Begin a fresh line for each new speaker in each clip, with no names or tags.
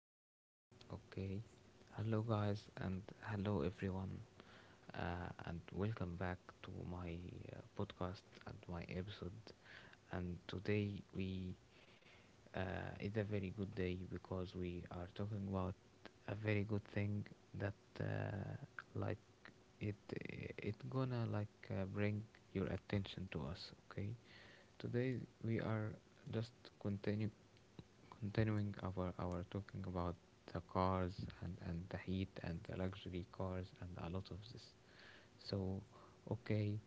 again. Okay. Hello, guys, and hello, everyone. And welcome back to my podcast and my episode. And today we it's a very good day because we are talking about a very good thing that like it gonna like bring your attention to us. Okay. Today we are just continue continuing our talking about the cars and the heat and the luxury cars and a lot of this. So okay,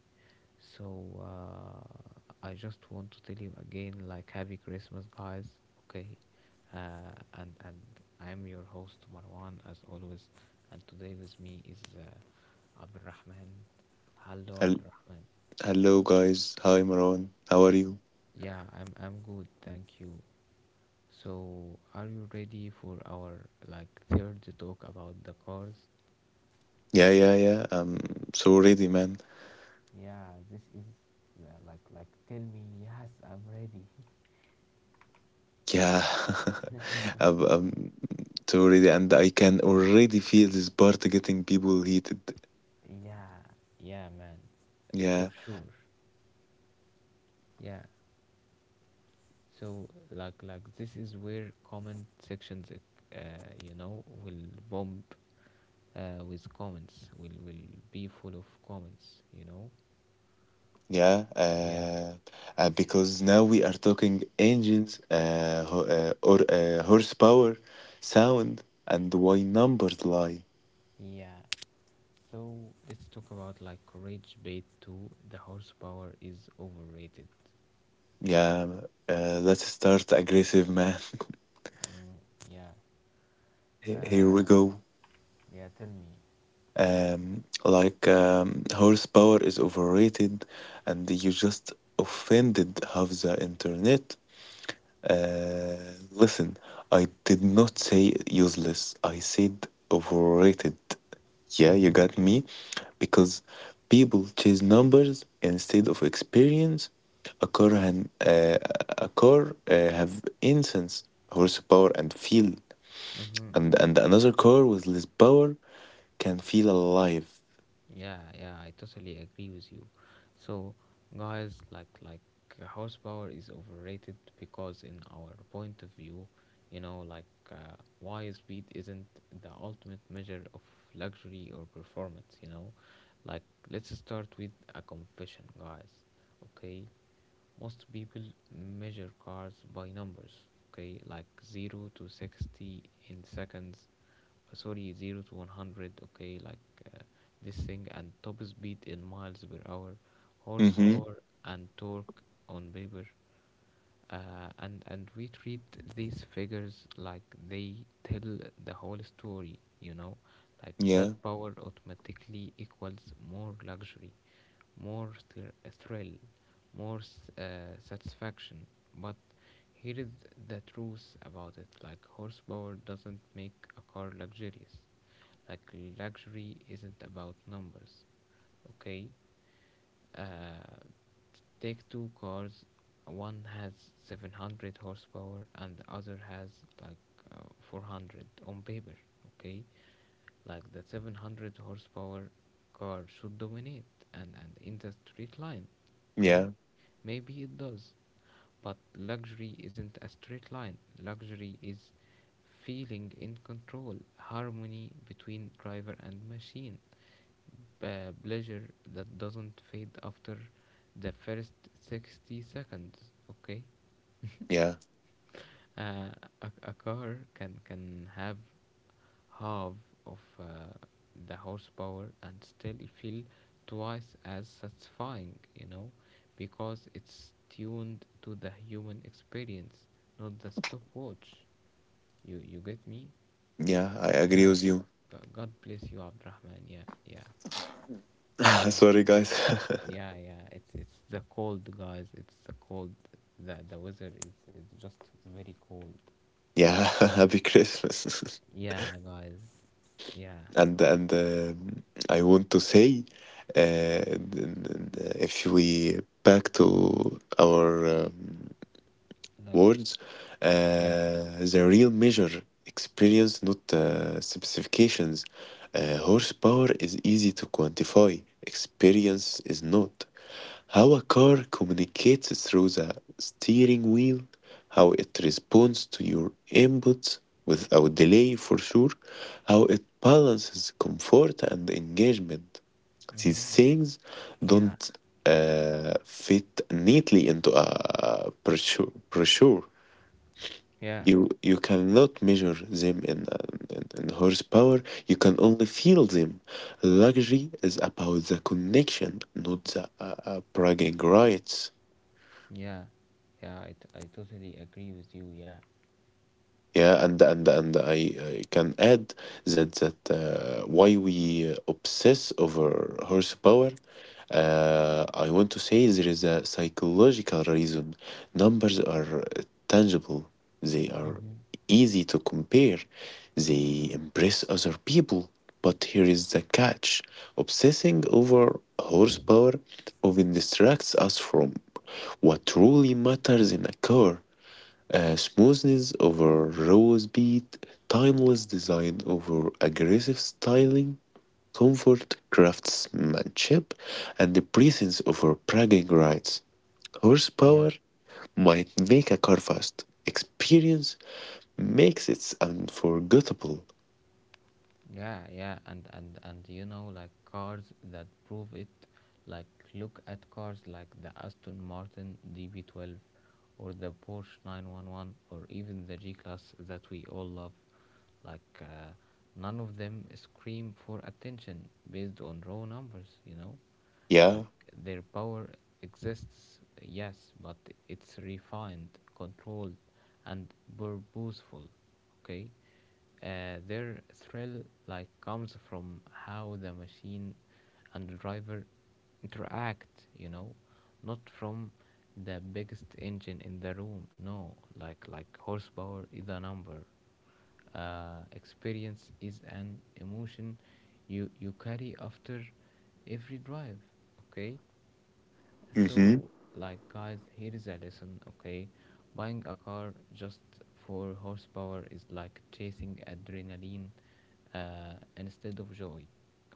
so I just want to tell you again, like happy Christmas, guys. Okay, and I am your host Marwan, as always, and today with me is Abdurrahman. Hello,
Hel-
Abdurrahman.
Hello guys. Hi Marwan. How are you?
Yeah, I'm good, thank you. So, are you ready for our like third talk about the cars?
Yeah. I'm so ready, man.
Yeah, this is like tell me yes, I'm ready.
Yeah. I'm so ready and I can already feel this part getting people heated.
Yeah, yeah, man, for
Yeah,
sure. Yeah. So, like this is where comment sections, will bomb with comments. Will be full of comments. You know.
yeah.
Yeah.
Uh, because now we are talking engines, ho- or horsepower, sound, and why numbers lie.
Yeah. So let's talk about like rage bait too. The horsepower is overrated.
Yeah. Let's start aggressive, man.
Mm, yeah.
Here
Uh,
we go.
yeah, tell me.
Horsepower is overrated and you just offended half the internet. Uh, Listen, I did not say useless, I said overrated. Yeah, you
Mm-hmm.
got me? Because people chase numbers instead of experience. A car, and, uh, a car have incense, horsepower, and feel.
Mm-hmm.
And another car with less power can feel alive.
Yeah, yeah, I totally agree with you. So, guys, horsepower is overrated because in our point of view, like why speed isn't the ultimate measure of luxury or performance, you know? Like let's start with a confession, guys. Okay? Most people measure cars by numbers. Okay, like 0 to 60 in seconds, sorry, 0 to 100. Okay, like uh, this thing, and top speed in miles per hour,
Mm-hmm.
horsepower, and torque on paper. And we treat these figures like they tell the whole story, like that
Yeah.
power automatically equals more luxury, more thrill, more satisfaction. But here is the truth about it, like horsepower doesn't make a car luxurious. Like, luxury isn't about numbers, okay? Uh, Take two cars. One has 700 horsepower and the other has like uh, 400 on paper. Okay, like the 700 horsepower car should dominate, and in the street line. Okay.
Yeah.
Maybe it does, but luxury isn't a straight line. Luxury is feeling in control, harmony between driver and machine, a pleasure that doesn't fade after the first 60 seconds. Okay,
Yeah.
uh, a car can have half of the horsepower and still feel twice as satisfying, because it's tuned to the human experience, not the stopwatch. You get me?
Yeah. I agree
Yeah.
with you.
God bless you, Abdurrahman. Yeah, yeah, yeah,
Sorry, guys.
yeah, yeah. It's the cold, guys. It's the cold. The weather is just very cold.
yeah. Happy Christmas.
Yeah, guys. Yeah,
And I want to say, if we back to our
like
words,
yeah.
the real measure experience, not specifications. Horsepower is easy to quantify, experience is not. How a car communicates through the steering wheel, how it responds to your inputs without delay for sure, how it balances comfort and engagement. These
Mm-hmm.
things don't fit neatly into a brochure.
Yeah.
You you cannot measure them in horsepower. You can only feel them. Luxury is about the connection, not the bragging rights.
Yeah, yeah, I totally agree with you. Yeah.
Yeah, and and and I, I can add that why we obsess over horsepower. I want to say there is a psychological reason. Numbers are tangible. They are
Mm-hmm.
easy to compare. They impress other people. But here is the catch: obsessing over horsepower often distracts us from what truly matters in a car. Smoothness over raw speed, timeless design over aggressive styling, comfort, craftsmanship, and the presence over bragging rights.
Yeah,
Horsepower might make a car fast. Experience makes it unforgettable.
yeah, yeah. And like cars that prove it. Like look at cars like the Aston Martin DB12 or the Porsche 911 or even the G-Class that we all love. Like none of them scream for attention based on raw numbers. You know. Like
Yeah.
their power exists, yes, but it's refined, controlled, and purposeful. Okay? Their thrill like comes from how the machine and the driver interact, not from the biggest engine in the room. No, like horsepower is a number. Experience is an emotion you carry after every drive. Okay,
Mm-hmm.
so, like, guys, here is a lesson, okay? Buying a car just for horsepower is like chasing adrenaline, instead of joy,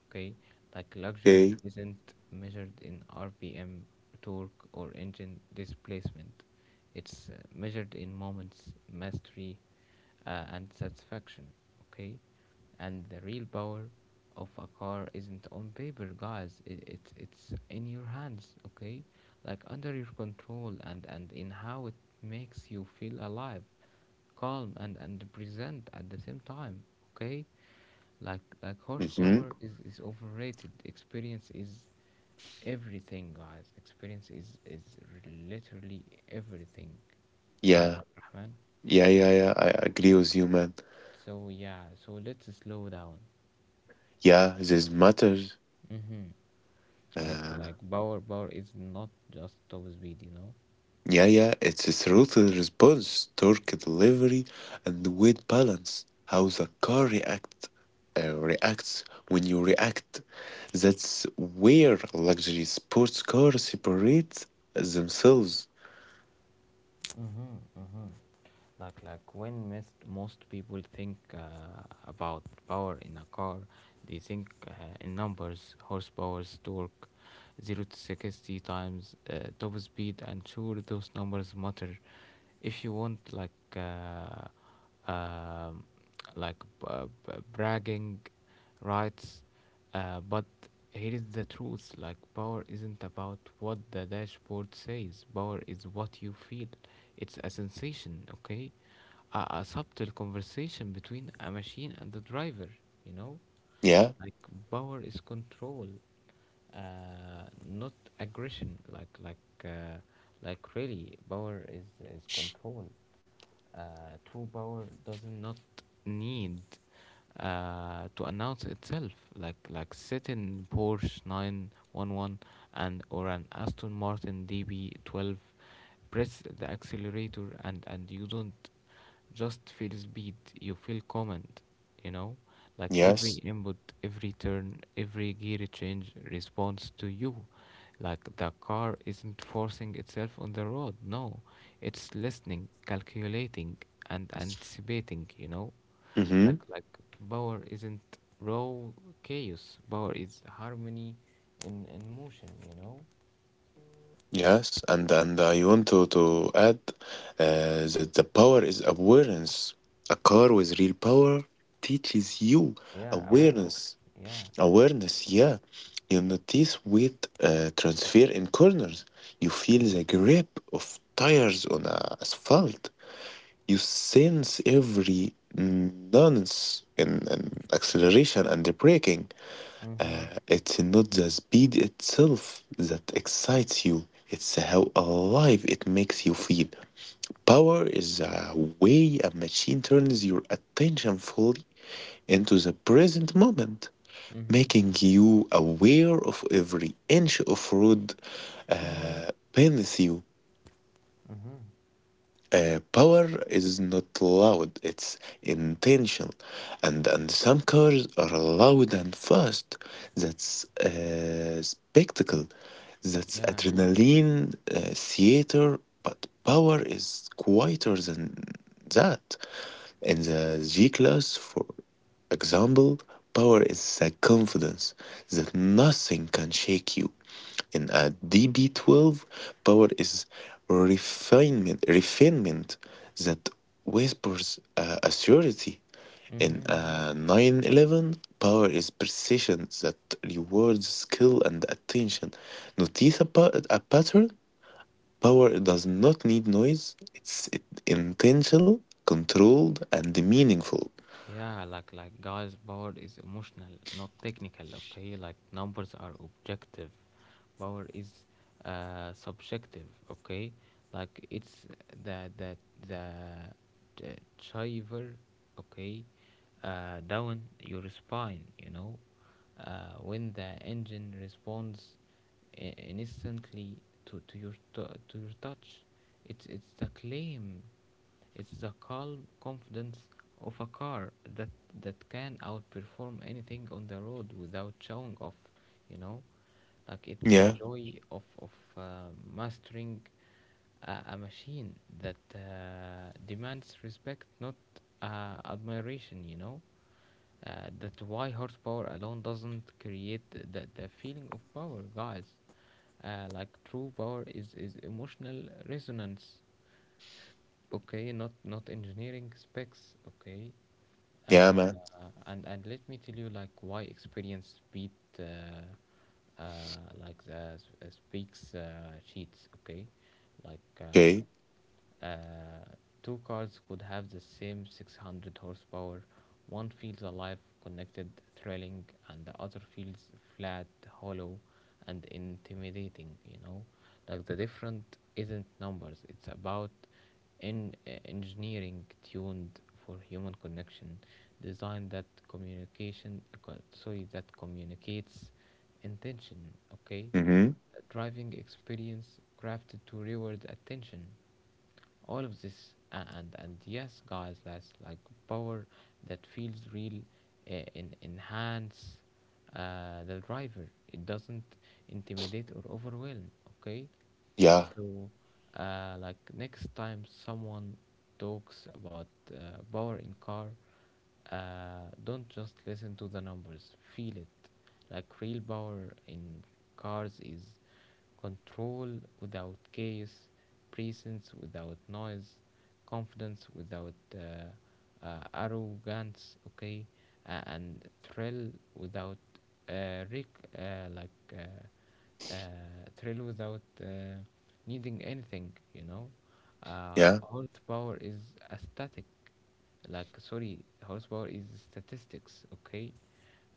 okay? Like,
Okay.
luxury isn't measured in RPM, torque, or engine displacement. It's measured in moments, mastery, and satisfaction, okay? And the real power of a car isn't on paper, guys. It's in your hands, okay? Like under your control, and in how it makes you feel alive, calm, and present at the same time, okay? Like
Mm-hmm.
horsepower is overrated. Experience is everything, guys. Experience is literally everything, right,
Yeah.
Abdurrahman?
Yeah. I agree with you, man.
So yeah, so let's slow down.
Yeah, this matters.
Mm-hmm. Like
Uh,
like power is not just top speed, you know.
Yeah, yeah, it's a throttle response, torque delivery, and weight balance. How the car reacts when you react. That's where luxury sports cars separate themselves.
Mm-hmm, mm-hmm. Like when most people think about power in a car, they think in numbers, horsepower, torque, 0 to 60 times, top speed, and sure those numbers matter if you want, like um, like b- bragging rights, but here is the truth: like power isn't about what the dashboard says. Power is what you feel. It's a sensation, okay? A subtle conversation between a machine and the driver. You know,
Yeah,
like power is control, not aggression. Uh, like really, power is control. True power does not need to announce itself, like sitting Porsche 911 and or an Aston Martin DB12. Press the accelerator, and you don't just feels beat, you feel comment, you know like every
yes.
input, every turn, every gear change responds to you. Like the car isn't forcing itself on the road. No, it's listening, calculating, and anticipating,
Mm-hmm.
like power isn't raw chaos. Power is harmony in motion, you know.
Yes, and I want to add that the power is awareness. A car with real power teaches you
Yeah, awareness,
awareness.
yeah.
Awareness, yeah. You notice weight transfer in corners. You feel the grip of tires on a asphalt. You sense every nuance in acceleration and braking.
Mm-hmm. Mm-hmm.
It's not the speed itself that excites you, it's how alive it makes you feel. Power is the way a machine turns your attention fully into the present moment making you aware of every inch of road beneath you.
Mm-hmm.
Power is not loud, it's intentional. And some cars are loud and fast. That's a spectacle, that's
Yeah.
adrenaline, theater, but power is quieter than that. In the G class, for example, power is the confidence that nothing can shake you. In a DB12, power is refinement that whispers assurity. In
Mm-hmm.
a 911, power is precision that rewards skill and attention. Notice a pattern? Power does not need noise. It's intentional, controlled, and meaningful.
Yeah, like guys, power is emotional, not technical. Okay, like numbers are objective, power is subjective. Okay, like it's the the the, the chiver, okay, down your spine. You know, when the engine responds i- instantly to your to your touch, it's the claim. It's the calm confidence of a car that can outperform anything on the road without showing off. You know, like it's the
Yeah,
joy of uh, mastering a machine that demands respect, not admiration. You know, that's why horsepower alone doesn't create the feeling of power, guys. Like true power is emotional resonance. Okay, not engineering specs. Okay.
yeah,
Uh,
man.
and let me tell you like why experience beat uh, uh, like the speaks sheets. Okay, like
Okay.
uh, two cars could have the same 600 horsepower. One feels alive, connected, thrilling, and the other feels flat, hollow, and intimidating. You know, like the different isn't numbers. It's about in engineering tuned for human connection, design that communication. Sorry, that communicates intention. Okay,
Mm-hmm.
driving experience crafted to reward attention, all of this, and yes, guys, that's like power that feels real, in enhance, the driver. It doesn't intimidate or overwhelm, okay.
Yeah,
So, like next time someone talks about power in car, don't just listen to the numbers, feel it. Like real power in cars is control without chaos, presence without noise, confidence without arrogance, okay, and thrill without uh, rec- uh, like uh, uh, thrill without needing anything, you know.
yeah,
Horsepower is a static, like sorry, horsepower is statistics, okay,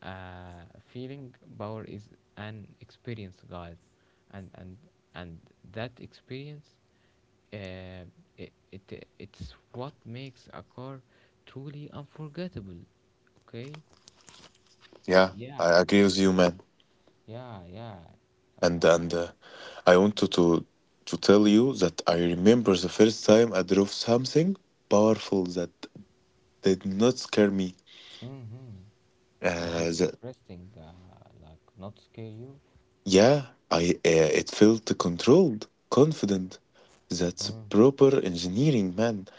uh, feeling power is an experience, guys. And and and that experience, uh, it's what makes a car truly unforgettable, okay.
yeah.
Yeah,
I agree with you, man.
yeah, yeah. uh,
And I wanted to tell you that I remember the first time I drove something powerful that did not scare me.
mm-hmm. That's
Uh,
just
the,
interesting, like not scare you.
yeah, I it felt controlled, confident. That's
Mm.
proper engineering, man.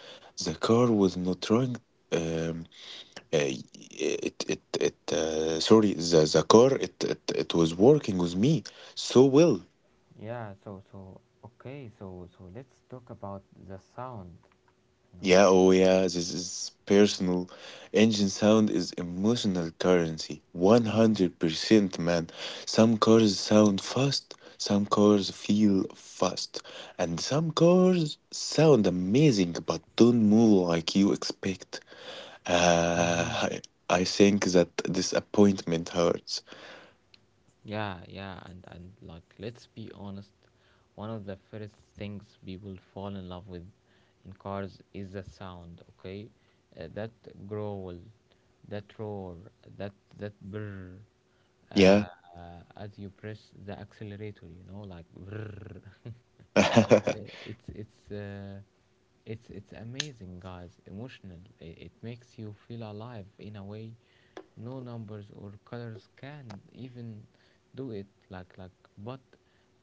The car was not running. Um, uh, it it it sorry the car it, it it was working with me so well.
Yeah, so okay, so let's talk about the sound, you know.
Yeah, oh yeah, this is personal. Engine sound is emotional currency. 100% man. Some cars sound fast, some cars feel fast, and some cars sound amazing but don't move like you expect. Uh,
Mm-hmm.
I think that disappointment hurts.
Yeah, yeah, and like let's be honest, one of the first things people fall in love with in cars is the sound. Okay, that growl, that roar, that that brr, uh,
Yeah.
uh, as you press the accelerator, you know, like brr. Uh, it's it's uh, it's amazing, guys. Emotional. It makes you feel alive in a way no numbers or colors can even do it, like but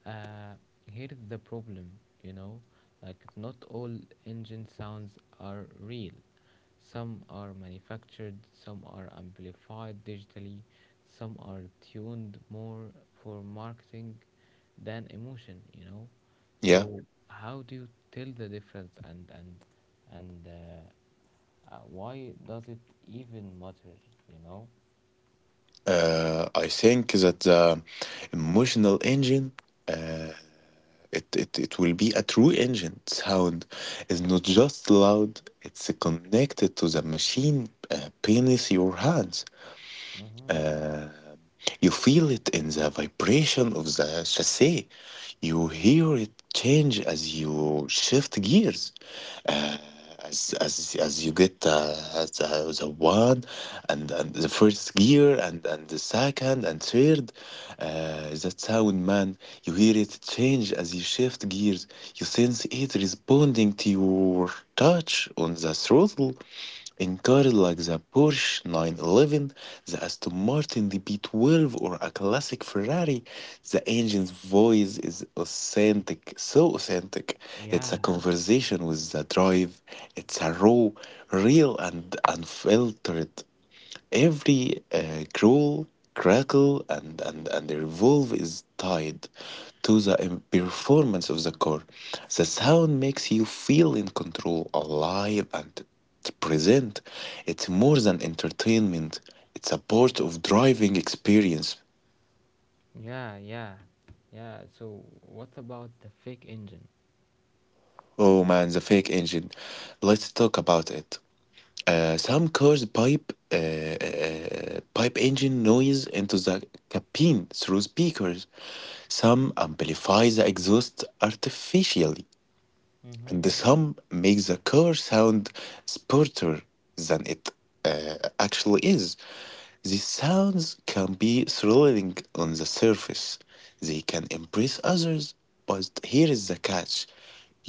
uh here's the problem, you know like not all engine sounds are real. Some are manufactured, some are amplified digitally, some are tuned more for marketing than emotion,
Yeah.
so how do you tell the difference? And why does it even matter, you know.
I think that the emotional engine, uh, it will be a true engine. Sound is not just loud, it's connected to the machine beneath your hands.
Mm-hmm.
Uh, you feel it in the vibration of the chassis. You hear it change as you shift gears, uh, as you get the one and the first gear and the second and third. That sound, man, you hear it change as you shift gears. You sense it responding to your touch on the throttle in cars like the Porsche 911, the Aston Martin DB12, or a classic Ferrari, the engine's voice is authentic, so authentic. It's a
Yeah,
conversation with the drive. It's a raw, real, and unfiltered. Every growl, crackle, and revolve is tied to the performance of the car. The sound makes you feel in control, alive, and present. It's more than entertainment, it's a part of driving experience.
yeah, yeah, yeah. So, what about the fake engine?
Oh man, the fake engine. Let's talk about it. Some cars pipe engine noise into the cabin through speakers. Some amplify the exhaust artificially
Mm-hmm.
and the sum makes the car sound smarter than it actually is. These sounds can be thrilling on the surface. They can impress others, but here is the catch.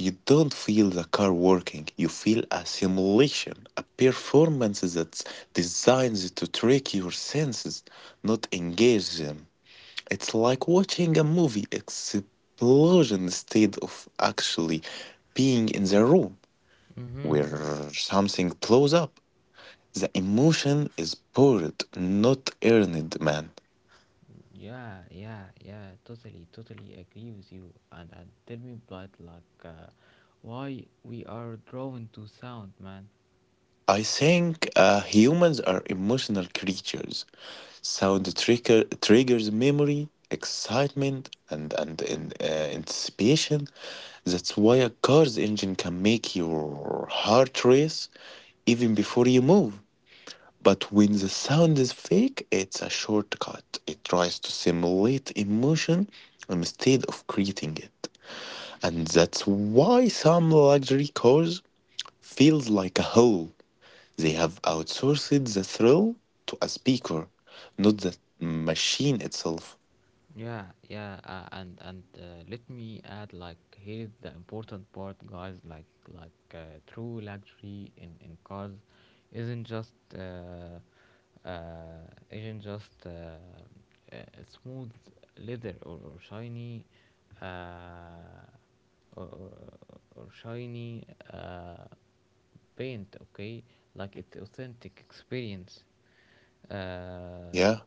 You don't feel the car working, you feel a simulation, a performance that's designed to trick your senses, not engage them. It's like watching a movie explosion instead of actually being in the room
Mm-hmm.
where something blows up. The emotion is poured, not earned, man.
Yeah, yeah, yeah. Totally, totally agree with you. And tell me, but like, why we are drawn to sound, man?
I think humans are emotional creatures. Sound triggers memory, excitement, and anticipation. That's why a car's engine can make your heart race even before you move. But when the sound is fake, it's a shortcut. It tries to simulate emotion instead of creating it. And that's why some luxury cars feels like a hole. They have outsourced the thrill to a speaker,
Y-
not the machine itself.
Yeah, yeah. And let me add, like, here is the important part, guys. True luxury in cars isn't just uh, isn't just uh, smooth leather or uh, or, or, shiny uh, paint, okay, like it's authentic experience. uh,
Yeah,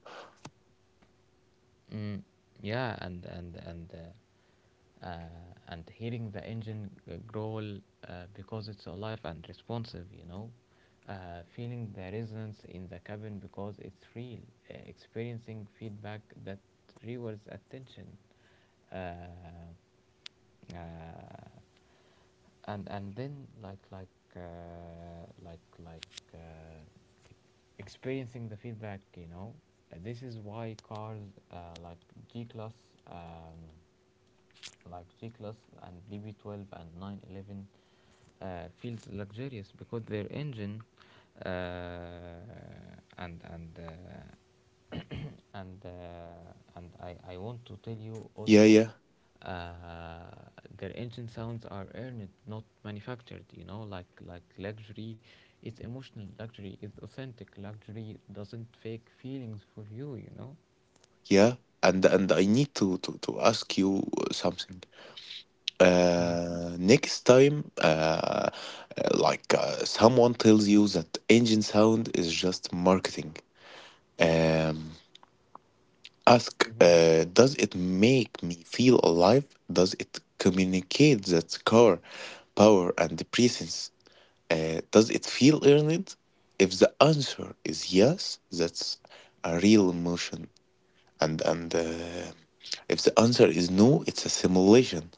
Mm, yeah, and hearing the engine growl, because it's alive and responsive, feeling the resonance in the cabin because it's real, experiencing feedback that rewards attention. Uh, uh, and then uh, like like uh, experiencing the feedback. This is why cars, like G class, um, like G class and DB12 and 911, feels luxurious because their engine, uh, and and uh, and I want to tell you
yeah,
also,
yeah,
uh, their engine sounds are earned, not manufactured. Like luxury is emotional, luxury is authentic, luxury doesn't fake feelings for you. You know.
yeah. And I need to ask you something.
Mm.
Next time, uh, someone tells you that engine sound is just marketing, um, ask
Mm-hmm.
does it make me feel alive? Does it communicate that car, power, and presence? Does it feel earned? If the answer is yes, that's a real emotion. And If the answer is no, it's a simulation,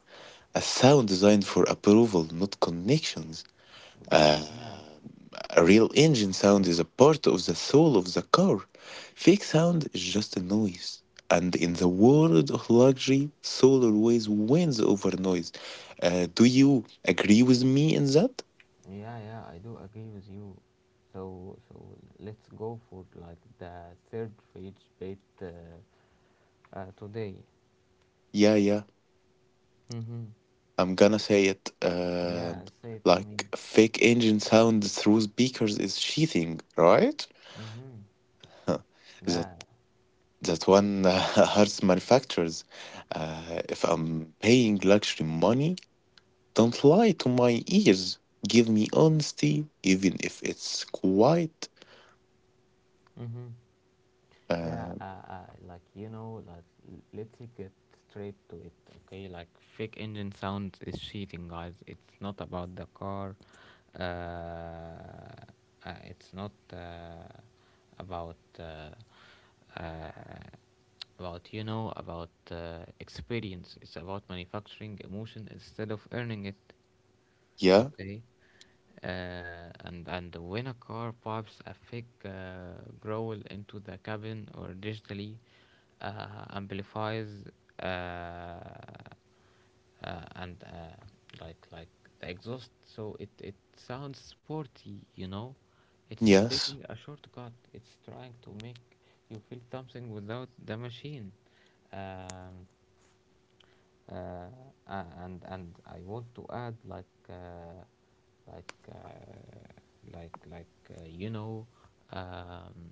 a sound designed for approval, not connections. Uh,
Yeah,
a real engine sound is a part of the soul of the car. Fake sound is just a noise. And in the world of luxury, soul always wins over noise. Do you agree with me in that?
yeah, yeah, I do agree with you. So let's go for like the third rage bait today.
Yeah, yeah.
Mm-hmm.
I'm gonna say it.
Yeah, say it to me.
Like fake engine sound through speakers is cheating, right?
Mm-hmm.
Huh. That
Yeah.
That one hurts manufacturers. If I'm paying luxury money, don't lie to my ears. Give me honesty, even if it's quiet.
Mm-hmm. Yeah,
Uh,
like you know, let's get straight to it, okay? Like fake engine sounds is cheating, guys. It's not about the car. Uh, it's not about, about, you know about experience. It's about manufacturing emotion instead of earning it.
yeah,
Okay. And when a car pipes a thick growl into the cabin or digitally amplifies uh, and like the exhaust, so it sounds sporty, you know. It's
yes,
taking a shortcut. It's trying to make you feel something without the machine. Um, uh, and I want to add, like uh, like like you know, um,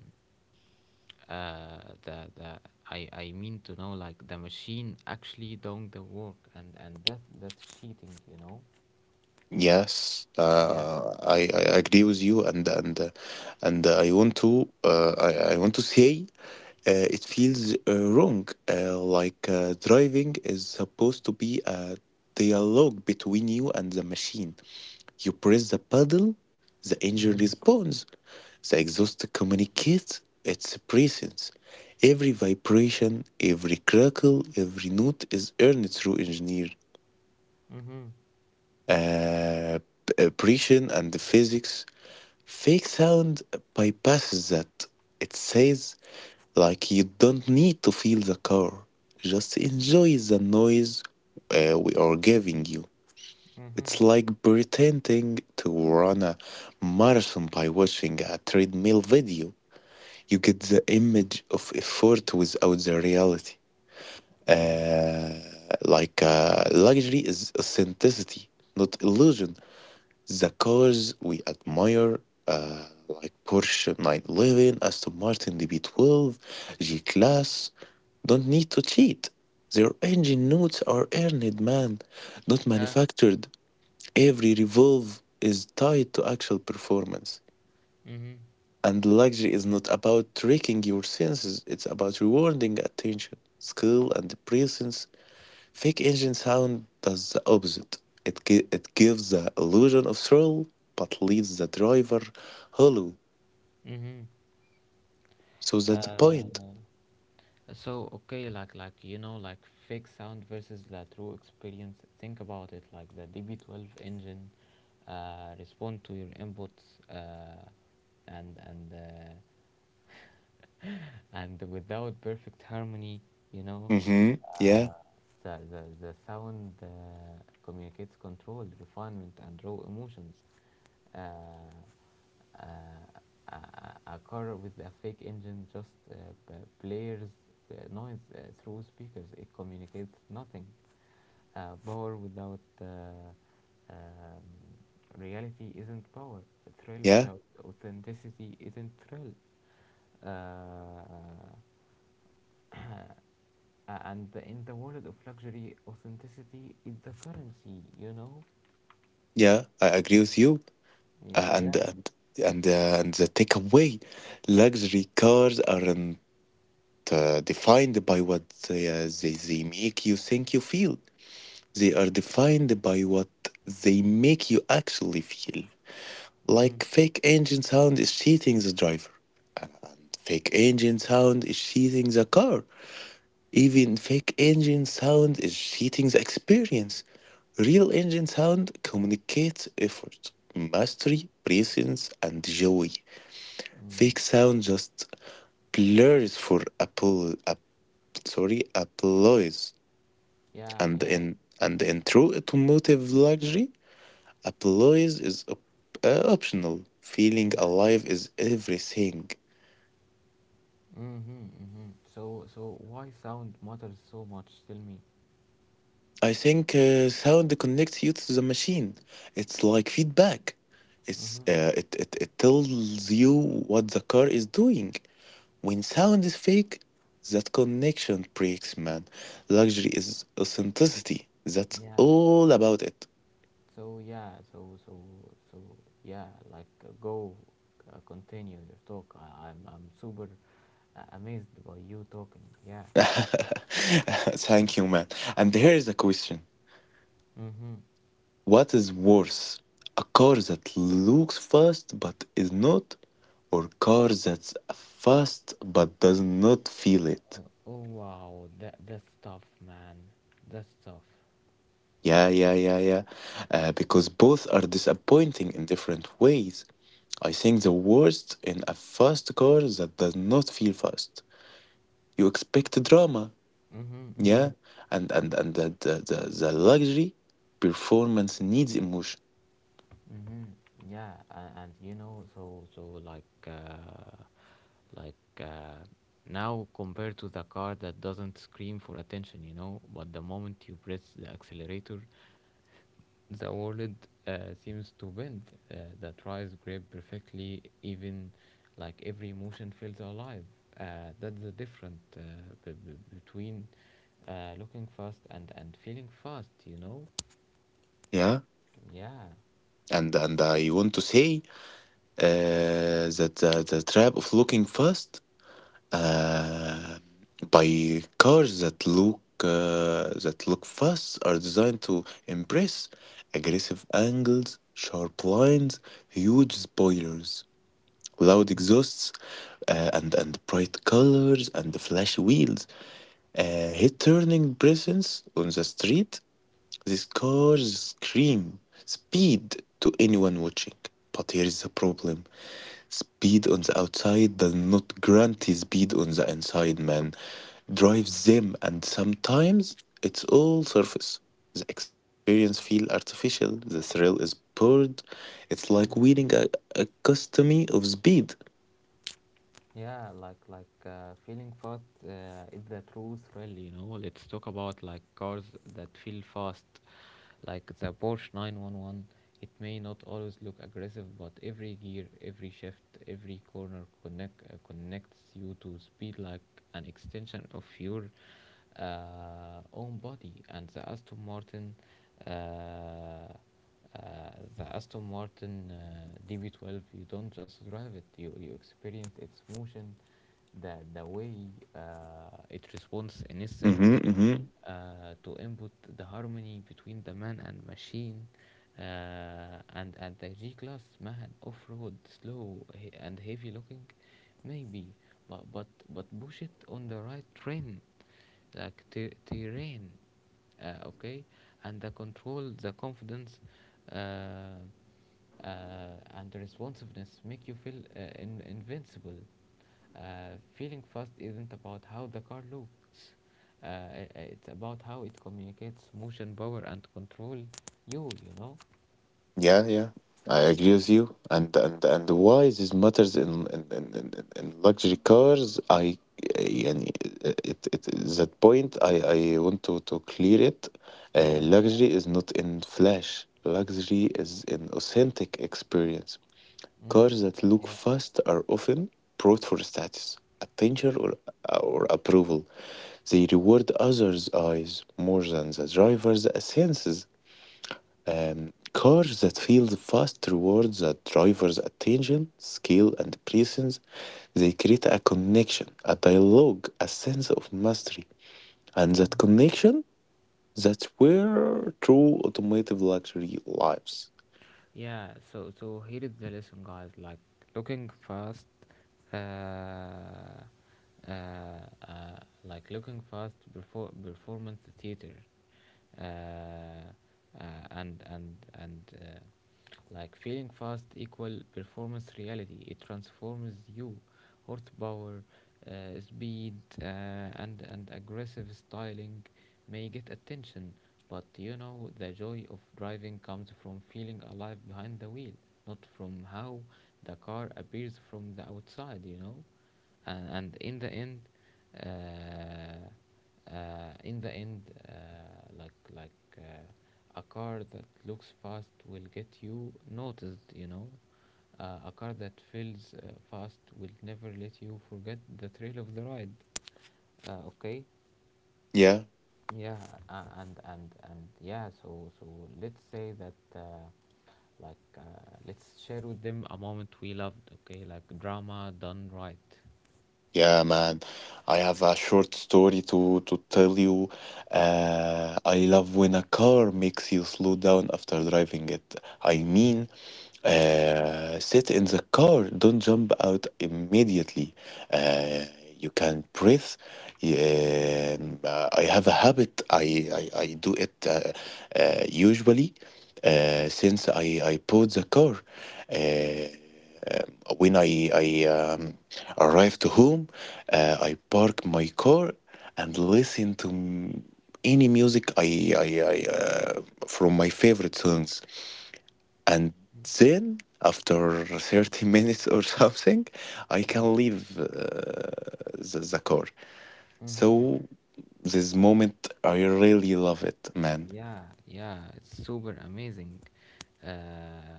the I mean to know like the machine actually doing the work, and that's cheating, you know.
yes.
Yeah.
I agree with you, and I want to say it feels wrong. Driving is supposed to be a dialogue between you and the machine. You press the pedal, the engine
Mhm.
responds, the exhaust communicates its presence. Every vibration, every crackle, every note is earned through engineer
Mhm.
uh, precision and physics. Fake sound bypasses that. It says, like, you don't need to feel the car, just enjoy the noise we are giving you. It's
Mhm.
like pretending to run a marathon by watching a treadmill video. You get the image of effort without the reality.
Yeah.
Uh, Luxury is authenticity, not illusion. The cars we admire, like Porsche 911, Aston Martin DB12, G Class, don't need to cheat. Their engine notes are earned, man, not
Yeah.
manufactured. Every revolve is tied to actual performance.
Mhm.
And luxury is not about tricking your senses, it's about rewarding attention, skill, and presence. Fake engine sound does the opposite. It gives the illusion of thrill, but leaves the driver hollow.
Mhm.
So that's the point.
Uh, So okay, like you know, like fake sound versus the true experience. Think about it. Like the DB12 engine respond to your inputs, and and uh, and without perfect harmony, you know,
Mm-hmm.
uh,
Yeah,
the sound communicates control, refinement, and raw emotions. Uh, uh, a, a car with a fake engine just b- blares noise through speakers. It communicates nothing. Power without reality isn't power. Thrill
yeah,
without authenticity isn't thrill. Uh, and in the world of luxury, authenticity is the currency, you know?
yeah. I agree with you.
Y-
Uh, and
Yeah.
and and the takeaway, luxury cars are defined by what they make you think you feel. They are defined by what they make you actually feel.
Mm-hmm.
Like fake engine sound is cheating the driver, and fake engine sound is cheating the car. Even fake engine sound is cheating the experience. Real engine sound communicates effort, mastery, presence, and joy.
Mm.
Fake sound just blurs for applause,
Yeah,
and
yeah,
in true automotive luxury, applause is optional. Feeling
yeah.
alive is everything.
Mm-hmm, mm-hmm. So why sound matters so much? Tell me.
I think sound connects you to the machine. It's like feedback. It's
Mm-hmm.
it, it it tells you what the car is doing. When sound is fake, that connection breaks, man. Luxury is authenticity. That's
Yeah.
all about it.
So yeah. So yeah. Like, go, continue your talk. I'm super amazed by you talking. Yeah.
Thank you, man. And here is a question.
Mm-hmm.
What is worse, a car that looks fast but is not, or car that's fast but does not feel it?
Oh wow. That's tough, man. That's tough.
Yeah, yeah, yeah, yeah. Because both are disappointing in different ways. I think the worst in a fast car that does not feel fast. You expect drama,
Mm-hmm,
yeah,
mm-hmm.
and the luxury performance needs emotion,
Mm-hmm. Yeah, and you know, so like, like uh, now compared to the car that doesn't scream for attention, you know, but the moment you press the accelerator, the world uh, seems to bend. The tries grip perfectly, even like every motion feels alive. That's the difference, between looking fast and feeling fast, you know.
yeah.
Yeah.
And I want to say the, the trap of looking fast uh, by cars that look fast are designed to embrace aggressive angles, sharp lines, huge spoilers, loud exhausts, and bright colors and flashy wheels. Hit turning presence on the street. These cars scream speed to anyone watching. But here is the problem. Speed on the outside does not guarantee speed on the inside, man. Drives them, and sometimes it's all surface. The experience feels artificial. The thrill is poured. It's like winning
Mhm.
a custody of speed.
Yeah, like feeling fast is the truth, really, you know. Let's talk about like cars that feel fast, like the Porsche 911. It may not always look aggressive, but every gear, every shift, every corner connects you to speed like an extension of your own body. And the Aston Martin, uh, uh, DB12, you don't just drive it, you experience its motion, the way uh, it responds instantly
hmm
to input, the harmony between the man and machine. Uh, and at the G class, man, off-road, and heavy looking, maybe, but push it on the right train, like terrain, okay, and the control, the confidence, uh, and the responsiveness make you feel, invincible. Feeling fast isn't about how the car looks; it's about how it communicates motion, power, and control, you know.
Yeah, yeah, I agree with you. And why this matters in luxury cars? I, and it that point I want to clear it.
Yeah.
Luxury is not in flash. Luxury is an authentic experience.
Mm-hmm.
Cars that look
Yeah.
fast are often brought for status, attention, or approval. They reward others' eyes more than the driver's senses. Cars that feel fast towards a driver's attention, skill, and presence. They create a connection, a dialogue, a sense of mastery. And that connection, that's where true automotive luxury lives.
Yeah, so here is the lesson, guys. Looking fast, uh, uh, uh, like looking fast before performance theater, uh, uh, and like feeling fast equal performance reality. It transforms you. Horsepower, speed, and aggressive styling may get attention, but you know the joy of driving comes from feeling alive behind the wheel, not from how the car appears from the outside, you know. And in the end, uh, uh, in the end, uh, like like uh, a car that looks fast will get you noticed, you know. A car that feels fast will never let you forget the thrill of the ride, okay.
Yeah.
Yeah. And yeah, so let's say that, like uh, let's share with them a moment we loved, okay, like drama done right.
Yeah, man, I have a short story to tell you. I love when a car makes you slow down after driving it. I
Mm-hmm.
mean, sit in the car, don't jump out immediately. Uh, you can breathe. Yeah, I have a habit. I do it usually since I bought the car. Uh, when I arrived to home, I park my car and listen to any music I, I from my favorite songs, and then after 30 minutes or something, I
You know.
can leave the car.
Mm-hmm.
So this moment, I really love it, man.
Yeah, yeah, it's super amazing. Uh,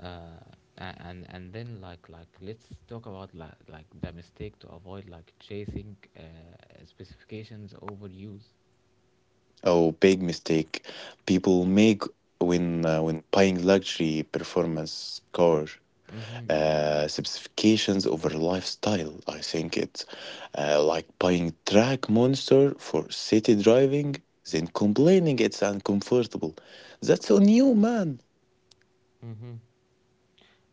uh, and then, let's talk about like the mistake to avoid, like chasing specifications over use.
Oh, big mistake people make when buying luxury performance car
Mm-hmm.
uh, specifications over lifestyle. I think it's like buying track monster for city driving, then complaining it's uncomfortable. That's on you, man.
Mm-hmm.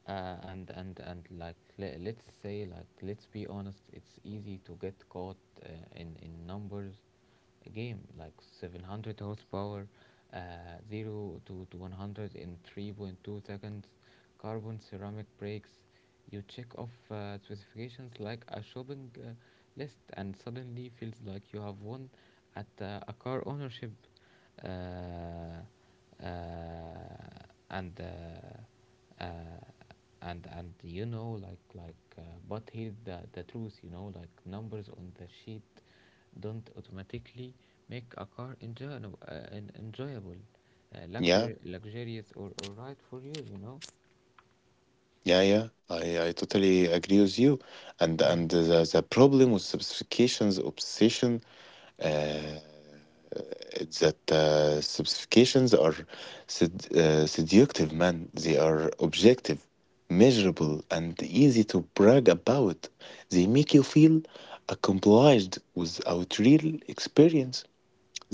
And let's say, like let's be honest, it's easy to get caught, uh, in numbers game like 700 horsepower, uh, 0 to 100 in 3.2 seconds, carbon ceramic brakes, you check off specifications like a shopping list, and suddenly feels like you have won at a car ownership. Uh, uh, and uh, uh, and and you know, like, but here the truth, you know, like numbers on the sheet don't automatically make a car enjoyable, enjoyable,
Yeah,
luxury luxurious, or right for you, you know.
yeah, yeah. I, totally agree with you. And the problem with specifications obsession uh, that specifications are seductive, man. They are objective, measurable, and easy to brag about. They make you feel accomplished without real experience.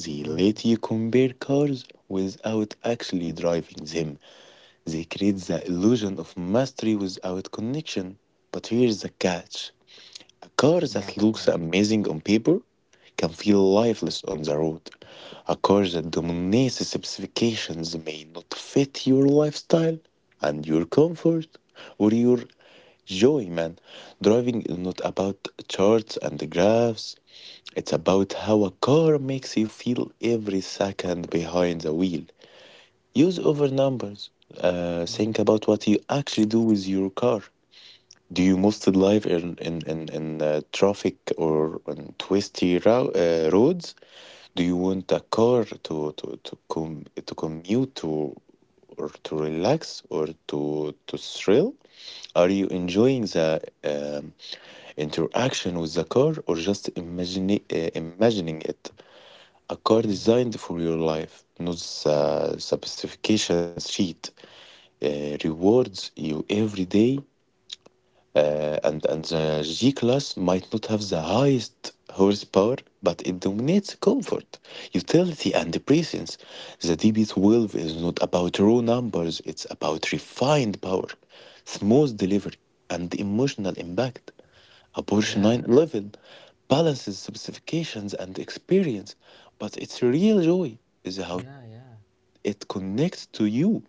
They
Mm-hmm.
let you compare cars without actually driving them. They create the illusion of mastery without connection. But here's the catch. A car
Yeah,
that
tell
looks
me.
amazing on paper can feel lifeless on the road. A car that dominates specifications may not fit your lifestyle and your comfort or your joy, man. Driving is not about charts and graphs. It's about how a car makes you feel every second behind the wheel. Use over numbers. Think
Mm-hmm.
about what you actually do with your car. Do you mostly live in traffic or on twisty roads? Do you want a car to to commute to or to relax or to thrill? Are you enjoying the um, interaction with the car or just imagining it? A car
Mm-hmm.
designed for your life, not the specifications sheet, rewards you every day. And the G class might not have the highest horsepower, but it dominates comfort, utility, and presence. The DB12 is not about raw numbers; it's about refined power, smooth delivery, and emotional impact. A Porsche
Yeah,
911 balances specifications and experience, but its real joy is how
yeah, yeah,
it connects to you,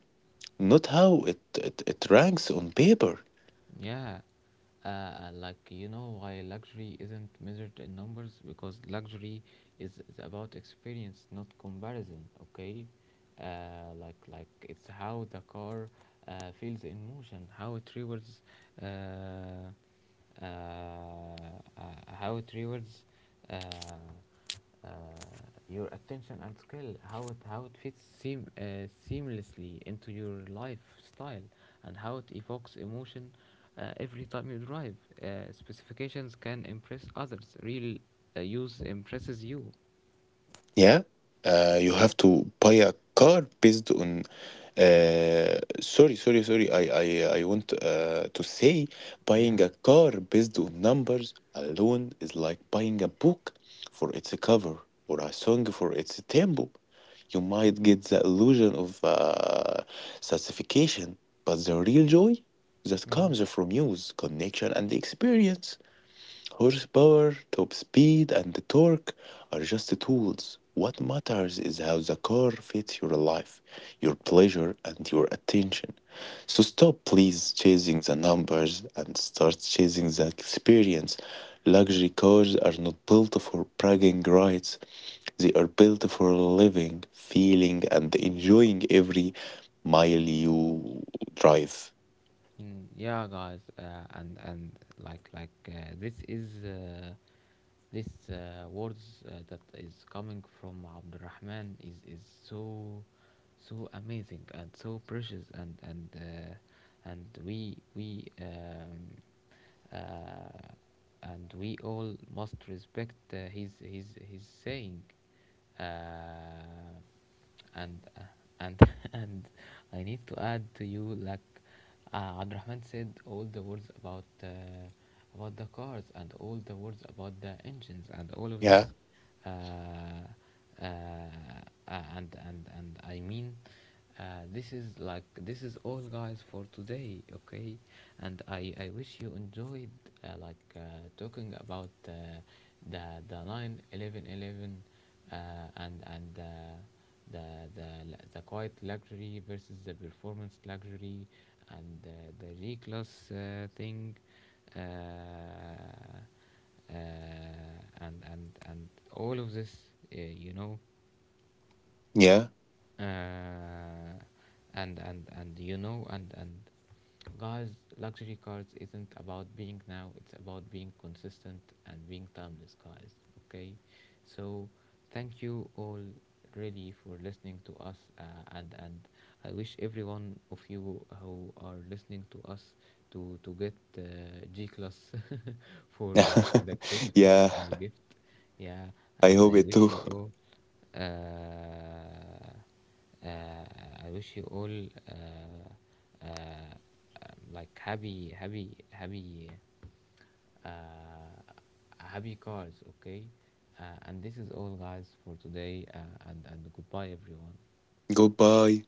not how it ranks on paper.
yeah. Like you know, why luxury isn't measured in numbers, because luxury is about experience not comparison, okay. Like it's how the car feels in motion, how it rewards, uh, uh, uh, how it rewards uh, uh, your attention and skill, how it fits, seamlessly into your lifestyle, and how it evokes emotion every time you drive. Specifications can impress others, real use impresses you.
Yeah, you have to buy a car based on. Sorry, sorry, sorry. I want to say
Yeah.
buying a car based on numbers alone is like buying a book for its cover or a song for its tempo. You might get the illusion of satisfaction, but the real joy that
Mm-hmm.
comes from use, connection, and experience. Horsepower, top speed, and torque are just tools. What matters is how the car fits your life, your pleasure, and your attention. So stop, please, chasing the numbers and start chasing the experience. Luxury cars are not built for bragging rights, they are built for living, feeling, and enjoying every mile you drive.
Mm, yeah guys, and like this is, this words that is coming from Abdurrahman is so so amazing and so precious, and we, uh, and we all must respect his saying. Uh, and uh, and and I need to add to you, like, Abdurrahman said all the words about, the cars and all the words about the engines and all of this.
Yeah,
Uh, uh, uh, and and and I mean, uh, this is, like this is all, guys, for today, okay. And I wish you enjoyed, uh, like uh, talking about, the the 911 11, and the, the quiet luxury versus the performance luxury, and the reclass thing, uh, uh, and all of this, you know.
yeah,
Uh, and and and you know, and guys, luxury cars isn't about being now, it's about being consistent and being timeless, guys, okay. So thank you all, really, for listening to us, and I wish every one of you who are listening to us to get, G class for like the Christmas
yeah.
gift. Yeah,
I
and
hope
I
it
wish
too.
you all, uh, I wish you all uh, uh, like happy, happy, happy, uh, happy cars. Okay, and this is all, guys, for today. And goodbye, everyone.
Goodbye.